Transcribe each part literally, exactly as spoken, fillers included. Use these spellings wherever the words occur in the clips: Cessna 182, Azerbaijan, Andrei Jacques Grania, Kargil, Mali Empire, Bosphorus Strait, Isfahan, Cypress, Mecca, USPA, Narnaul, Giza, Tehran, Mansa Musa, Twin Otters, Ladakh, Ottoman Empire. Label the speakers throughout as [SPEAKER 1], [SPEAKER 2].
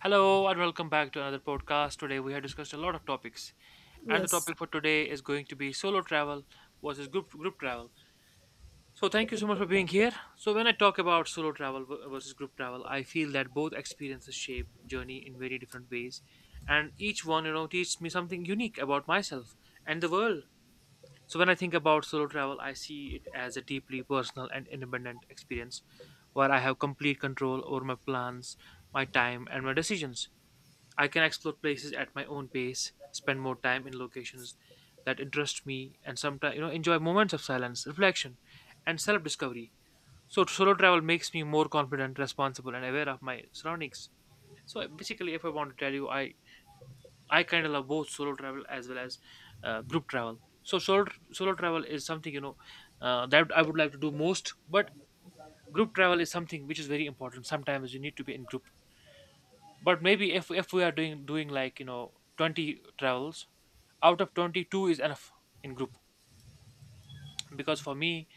[SPEAKER 1] Hello and welcome back to another podcast. Today we have discussed a lot of topics, and the
[SPEAKER 2] Yes.
[SPEAKER 1] topic for today is going to be solo travel versus group group travel. So thank you so much for being here. So when I talk about solo travel v- versus group travel, I feel that both experiences shape journey in very different ways, and each one you know teaches me something unique about myself and the world. So when I think about solo travel, I see it as a deeply personal and independent experience where I have complete control over my plans, my time, and my decisions. I can explore places at my own pace, spend more time in locations that interest me, and sometimes you know enjoy moments of silence, reflection, and self-discovery. So solo travel makes me more confident, responsible, and aware of my surroundings. So basically, if I want to tell you, I I kind of love both solo travel as well as uh, group travel. So solo solo travel is something you know uh, that I would like to do most, but group travel is something which is very important. Sometimes you need to be in group, but maybe if if we are doing doing like you know twenty travels out of twenty-two is enough in group, because for me,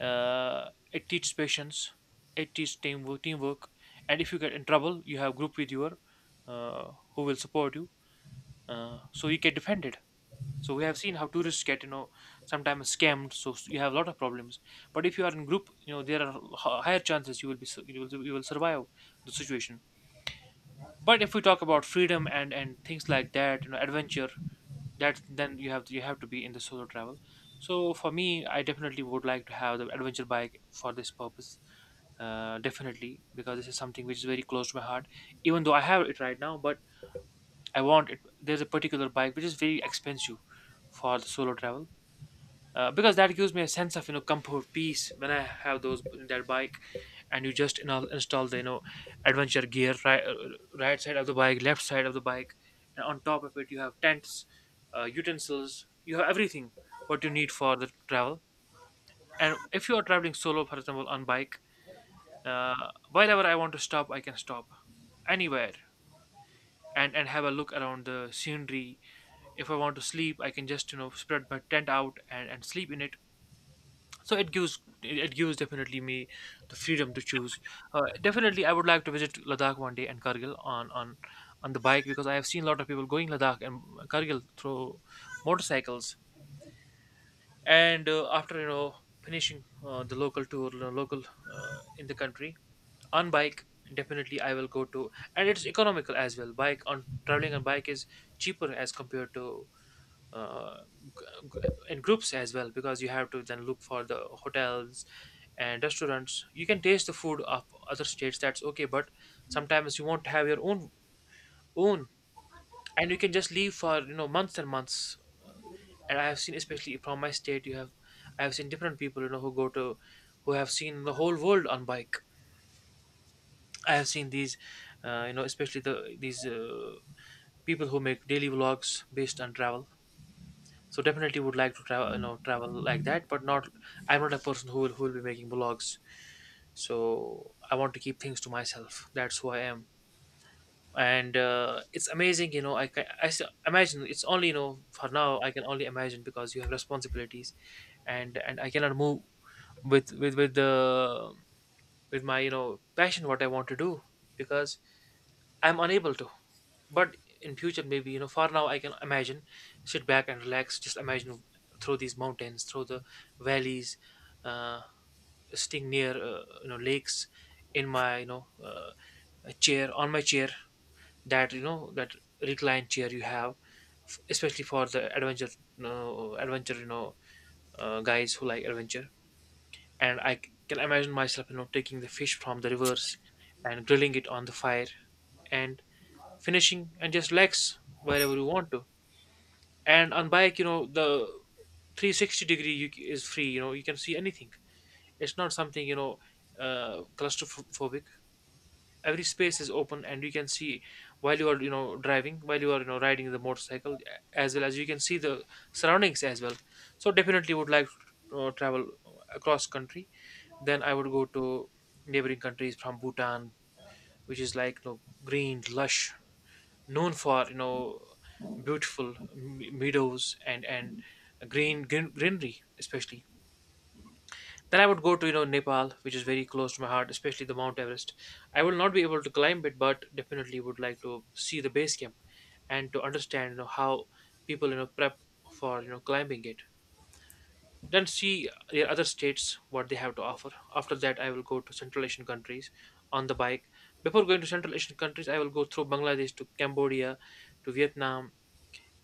[SPEAKER 1] uh, it teaches patience, it teaches teamwork teamwork and if you get in trouble you have group with your uh, who will support you, uh, so you get defended. So we have seen how tourists get you know sometimes scammed, so you have a lot of problems, but if you are in group, you know there are h- higher chances you will be su- you will, you will survive the situation. But if we talk about freedom and and things like that, you know adventure, that then you have to, you have to be in the solo travel. So for me, I definitely would like to have the adventure bike for this purpose, uh, definitely, because this is something which is very close to my heart. Even though I have it right now, but I want it, there's a particular bike which is very expensive for the solo travel, uh, because that gives me a sense of you know comfort, peace, when I have those, that bike. And you just you know, install the you know adventure gear, right, uh, right side of the bike, left side of the bike, and on top of it you have tents, uh, utensils, you have everything what you need for the travel. And if you are traveling solo, for example on bike, uh, wherever I want to stop I can stop anywhere, and and have a look around the scenery. If I want to sleep I can just you know spread my tent out and, and sleep in it. So it gives, it gives definitely me the freedom to choose. Uh, definitely I would like to visit Ladakh one day, and Kargil on on on the bike, because I have seen a lot of people going Ladakh and Kargil through motorcycles. And uh, after you know finishing uh, the local tour, you know, local, uh, in the country, on bike, definitely I will go to. And it's economical as well. Bike, on traveling on bike is cheaper as compared to uh, g- in groups as well, because you have to then look for the hotels and restaurants. You can taste the food of other states, that's okay, but sometimes you won't have your own, own. And you can just leave for you know months and months. And I have seen, especially from my state, you have, I have seen different people you know who go to, who have seen the whole world on bike. I have seen these uh, you know especially the these uh, people who make daily vlogs based on travel. So definitely would like to travel, you know travel like that, but not, I'm not a person who will, who will be making vlogs. So I want to keep things to myself, that's who I am. And uh, it's amazing, you know I ca- I s- imagine, it's only, you know for now I can only imagine because you have responsibilities, and and I cannot move with with with the with my, you know passion, what I want to do, because I'm unable to. But in future, maybe, you know for now I can imagine, sit back and relax, just imagine, through these mountains, through the valleys, uh, sitting near uh, you know lakes, in my you know uh, chair on my chair, that, you know that reclined chair you have, f- especially for the adventure, you know, adventure you know uh, guys who like adventure. And i c- can imagine myself, you know taking the fish from the rivers and grilling it on the fire and finishing, and just relax wherever you want to. And on bike, you know the three sixty degree you, c- is free, you know you can see anything. It's not something, you know uh, claustrophobic. Every space is open and you can see while you are, you know driving, while you are, you know riding the motorcycle, a- as well as you can see the surroundings as well. So definitely would like to uh, travel across country. Then I would go to neighboring countries, from Bhutan, which is like, you know green, lush, known for, you know beautiful me- meadows and and green, green greenery especially. Then I would go to, you know Nepal, which is very close to my heart, especially the Mount Everest. I will not be able to climb it but definitely would like to see the base camp and to understand you know how people you know prep for you know climbing it. Then see the other states what they have to offer. After that I will go to Central Asian countries on the bike. Before going to Central Asian countries I will go through Bangladesh to Cambodia to Vietnam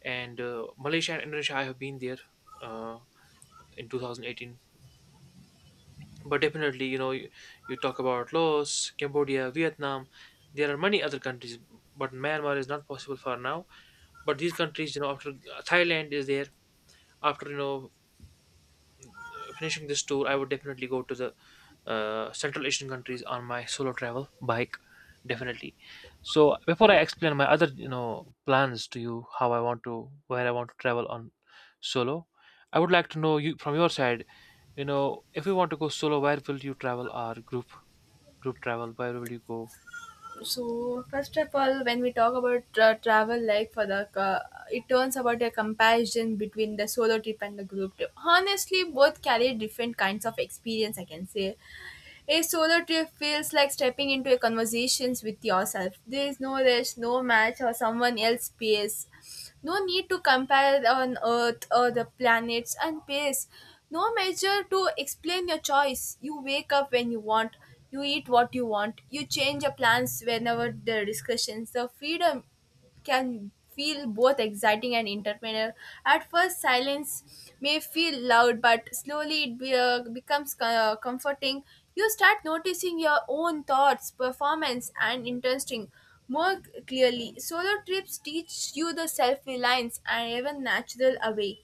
[SPEAKER 1] and uh, Malaysia and Indonesia. I have been there uh, in two thousand eighteen, but definitely, you know, you, you talk about Laos, Cambodia, Vietnam. There are many other countries, but Myanmar is not possible for now. But these countries, you know, after, Thailand is there. After you know finishing this tour, I would definitely go to the uh, Central Asian countries on my solo travel bike, definitely. So before I explain my other, you know, plans to you, how I want to, where I want to travel on solo, I would like to know you from your side. You know, if you want to go solo, where will you travel? Or group group travel? Where will you go?
[SPEAKER 2] so first of all, when we talk about tra- travel, like for the uh, it turns about a comparison between the solo trip and the group trip, honestly both carry different kinds of experience, I can say. A solo trip feels like stepping into a conversations with yourself. There is no rush, no match, or someone else's pace. No need to compare on Earth or the planets and pace. No measure to explain your choice. You wake up when you want. You eat what you want. You change your plans whenever the discussions. The freedom can feel both exciting and entertaining. At first, silence may feel loud, but slowly it be, uh, becomes co- uh, comforting. You start noticing your own thoughts, performance, and interesting more clearly. Solo trips teach you the self reliance and even natural away,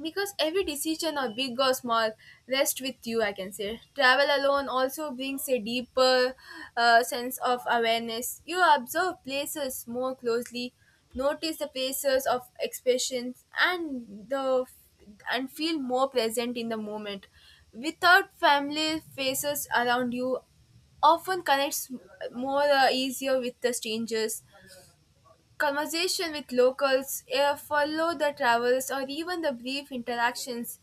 [SPEAKER 2] because every decision, or big or small, rests with you. I can say travel alone also brings a deeper uh, sense of awareness. You observe places more closely, notice the places of expressions and the and feel more present in the moment. Without family faces around you, often connects more uh, easier with the strangers. Conversation with locals, eh, follow the travels, or even the brief interactions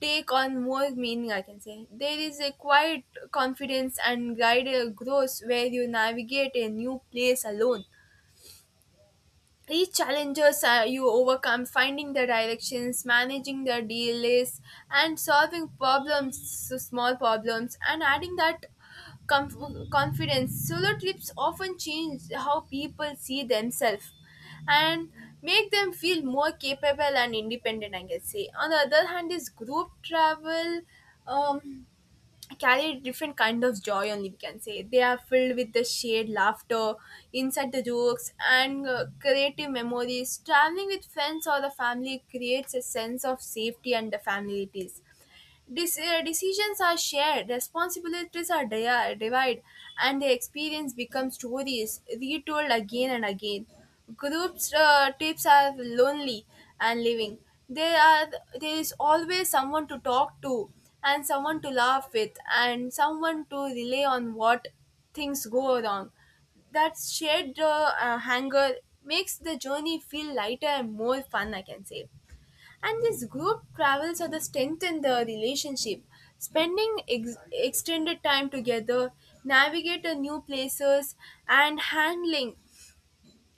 [SPEAKER 2] take on more meaning, I can say. There is a quiet confidence and guided growth where you navigate a new place alone. Each challenges uh, you overcome, finding the directions, managing the delays, and solving problems, so small problems, and adding that comf- confidence. Solo trips often change how people see themselves and make them feel more capable and independent, I can say. On the other hand is group travel. um, Carry different kind of joy only, we can say. They are filled with the shared laughter, inside the jokes, and uh, creative memories. Traveling with friends or the family creates a sense of safety and the familiarities. Dis- uh, decisions are shared, responsibilities are dia- divided, and the experience becomes stories retold again and again. Groups uh, trips are lonely and living. There are there is always someone to talk to, and someone to laugh with, and someone to relay on what things go wrong. That shared uh, uh, hunger makes the journey feel lighter and more fun, I can say. And this group travels are the strengthen the relationship. Spending ex- extended time together, navigate a new places, and handling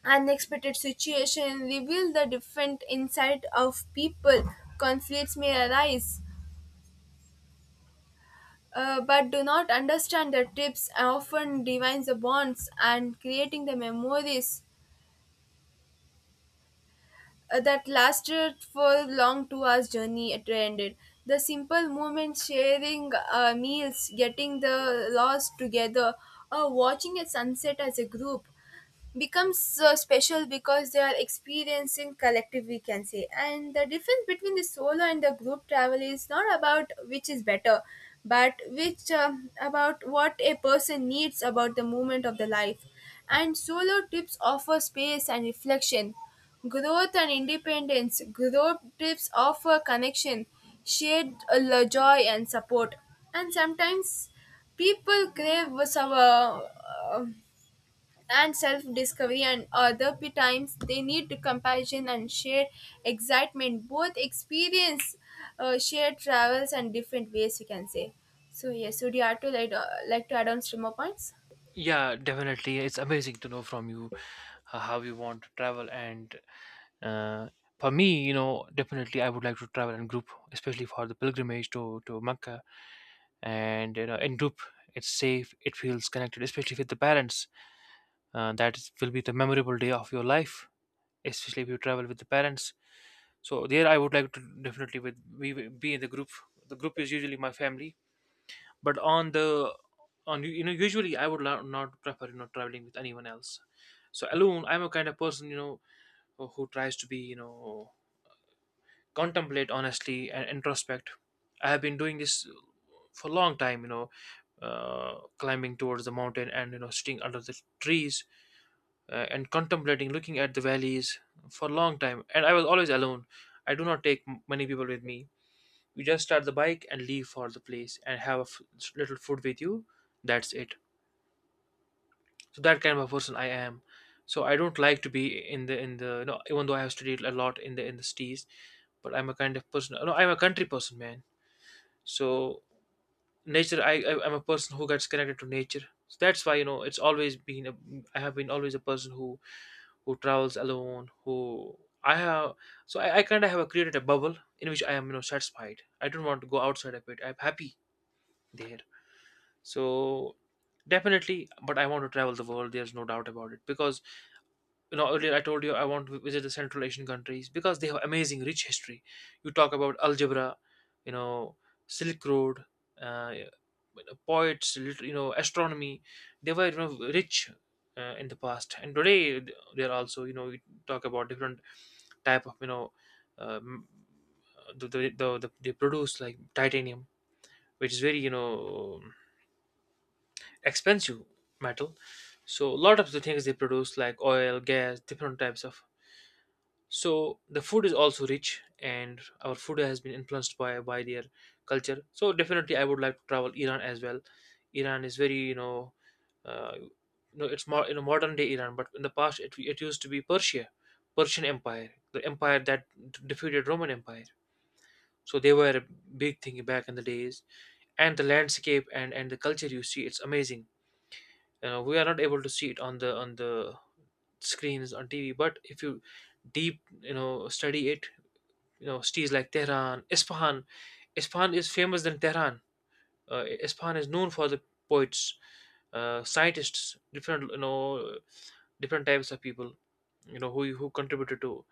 [SPEAKER 2] unexpected situation reveal the different insight of people. Conflicts may arise, uh, but do not understand the tips and often divines the bonds and creating the memories uh, that lasted for a long two hours journey it ended. The simple moments, sharing uh, meals, getting the lost together, or watching a sunset as a group becomes uh, special because they are experiencing collective, we can say. And the difference between the solo and the group travel is not about which is better, but which, um, about what a person needs about the moment of the life. And solo trips offer space and reflection, growth and independence. Group trips offer connection, shared uh, lo- joy, and support. And sometimes people crave some, uh, uh, and self-discovery, and other p- times they need to compassion and shared excitement. Both experience uh, shared travels and different ways, we can say. So yes, would you add to, like, uh, like to add on streamer points?
[SPEAKER 1] Yeah, definitely. It's amazing to know from you uh, how you want to travel. And uh, for me, you know, definitely I would like to travel in group, especially for the pilgrimage to to Mecca. And you know in group it's safe, it feels connected, especially with the parents. Uh, that is- will be the memorable day of your life, especially if you travel with the parents. So there I would like to definitely, with we will be in the group. The group is usually my family. But on the, on, you know usually I would lo- not prefer, you know traveling with anyone else. So alone, I'm a kind of person, you know who who tries to be, you know contemplate honestly and introspect. I have been doing this for a long time, you know uh, climbing towards the mountain and you know sitting under the trees, uh, and contemplating, looking at the valleys for a long time. And I was always alone. I do not take m- many people with me. You just start the bike and leave for the place and have a f- little food with you, that's it. So that kind of a person I am. So I don't like to be in the, in the, you know even though I have studied a lot in the, in the cities, but I'm a kind of person, no, I'm a country person, man. So nature, I, I I'm a person who gets connected to nature. So that's why, you know it's always been a, I have been always a person who who travels alone, who I have. So i, I kind of have created a bubble in which I am, you know satisfied. I don't want to go outside of it. I'm happy there. So definitely, but I want to travel the world, there's no doubt about it, because you know earlier I told you I want to visit the Central Asian countries because they have amazing rich history. You talk about algebra, you know Silk Road, uh, you know, poets, lit- you know astronomy, they were, you know, rich uh, in the past, and today they are also, you know we talk about different type of, you know, um, the, the, the, the they produce like titanium which is very you know expensive metal. So a lot of the things they produce like oil, gas, different types of. So the food is also rich, and our food has been influenced by by their culture. So definitely I would like to travel Iran as well. Iran is very you know uh, you know it's more you know modern day Iran, but in the past it, it used to be Persia, Persian Empire, the empire that defeated Roman Empire. So they were a big thing back in the days, and the landscape and and the culture you see, it's amazing. You know, we are not able to see it on the on the screens on TV, but if you deep, you know study it, you know, cities like Tehran, Isfahan. Isfahan is famous than Tehran. Uh, Isfahan is known for the poets, uh, scientists, different you know different types of people, you know who who contributed to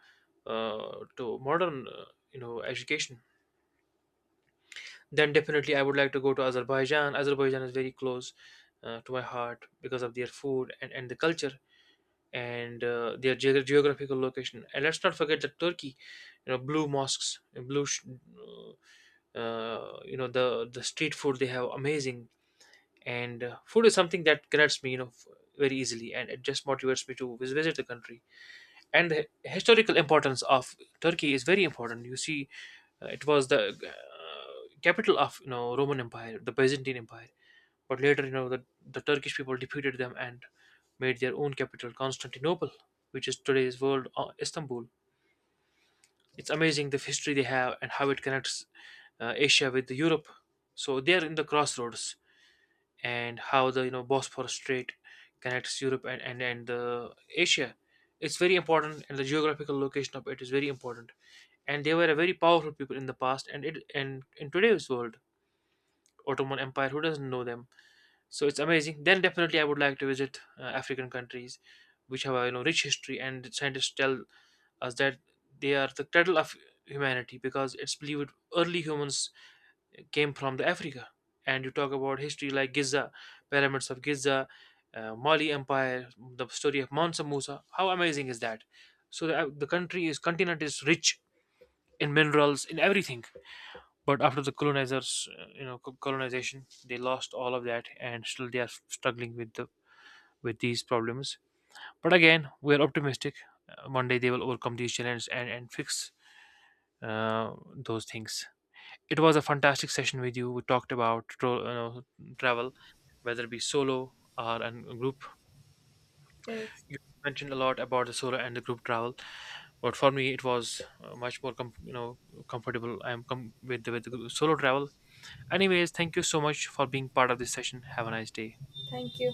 [SPEAKER 1] uh, to modern uh, you know education. Then definitely I would like to go to Azerbaijan. Azerbaijan is very close uh, to my heart because of their food, and, and the culture, and uh, their geog- geographical location. And let's not forget that Turkey, you know, blue mosques, blue sh- uh, uh, you know the the street food, they have amazing. And uh, food is something that connects me, you know f- very easily, and it just motivates me to vis- visit the country. And the historical importance of Turkey is very important, you see. Uh, it was the uh, capital of, you know, Roman Empire, the Byzantine Empire, but later, you know, the, the Turkish people defeated them and made their own capital Constantinople, which is today's world, uh, Istanbul. It's amazing the history they have and how it connects uh, Asia with Europe. So they are in the crossroads, and how the, you know, Bosphorus Strait connects Europe and and, and the Asia. It's very important, and the geographical location of it is very important. And they were a very powerful people in the past, and it and in today's world, Ottoman Empire. Who doesn't know them? So it's amazing. Then definitely, I would like to visit uh, African countries, which have a, you know, rich history, and scientists tell as that they are the cradle of humanity because it's believed early humans came from the Africa. And you talk about history like Giza, pyramids of Giza, uh, Mali Empire, the story of Mansa Musa. How amazing is that? So the, uh, the country is continent is rich in minerals, in everything. But after the colonizers, uh, you know, co- colonization, they lost all of that, and still they are struggling with the with these problems. But again, we are optimistic. Uh, one day they will overcome these challenges and and fix uh, those things. It was a fantastic session with you. We talked about tro- uh, travel, whether it be solo or a group.
[SPEAKER 2] Yes.
[SPEAKER 1] You mentioned a lot about the solo and the group travel, but for me, it was uh, much more com- you know comfortable. I'm com- with the, with the gr- solo travel. Anyways, thank you so much for being part of this session. Have a nice day.
[SPEAKER 2] Thank you.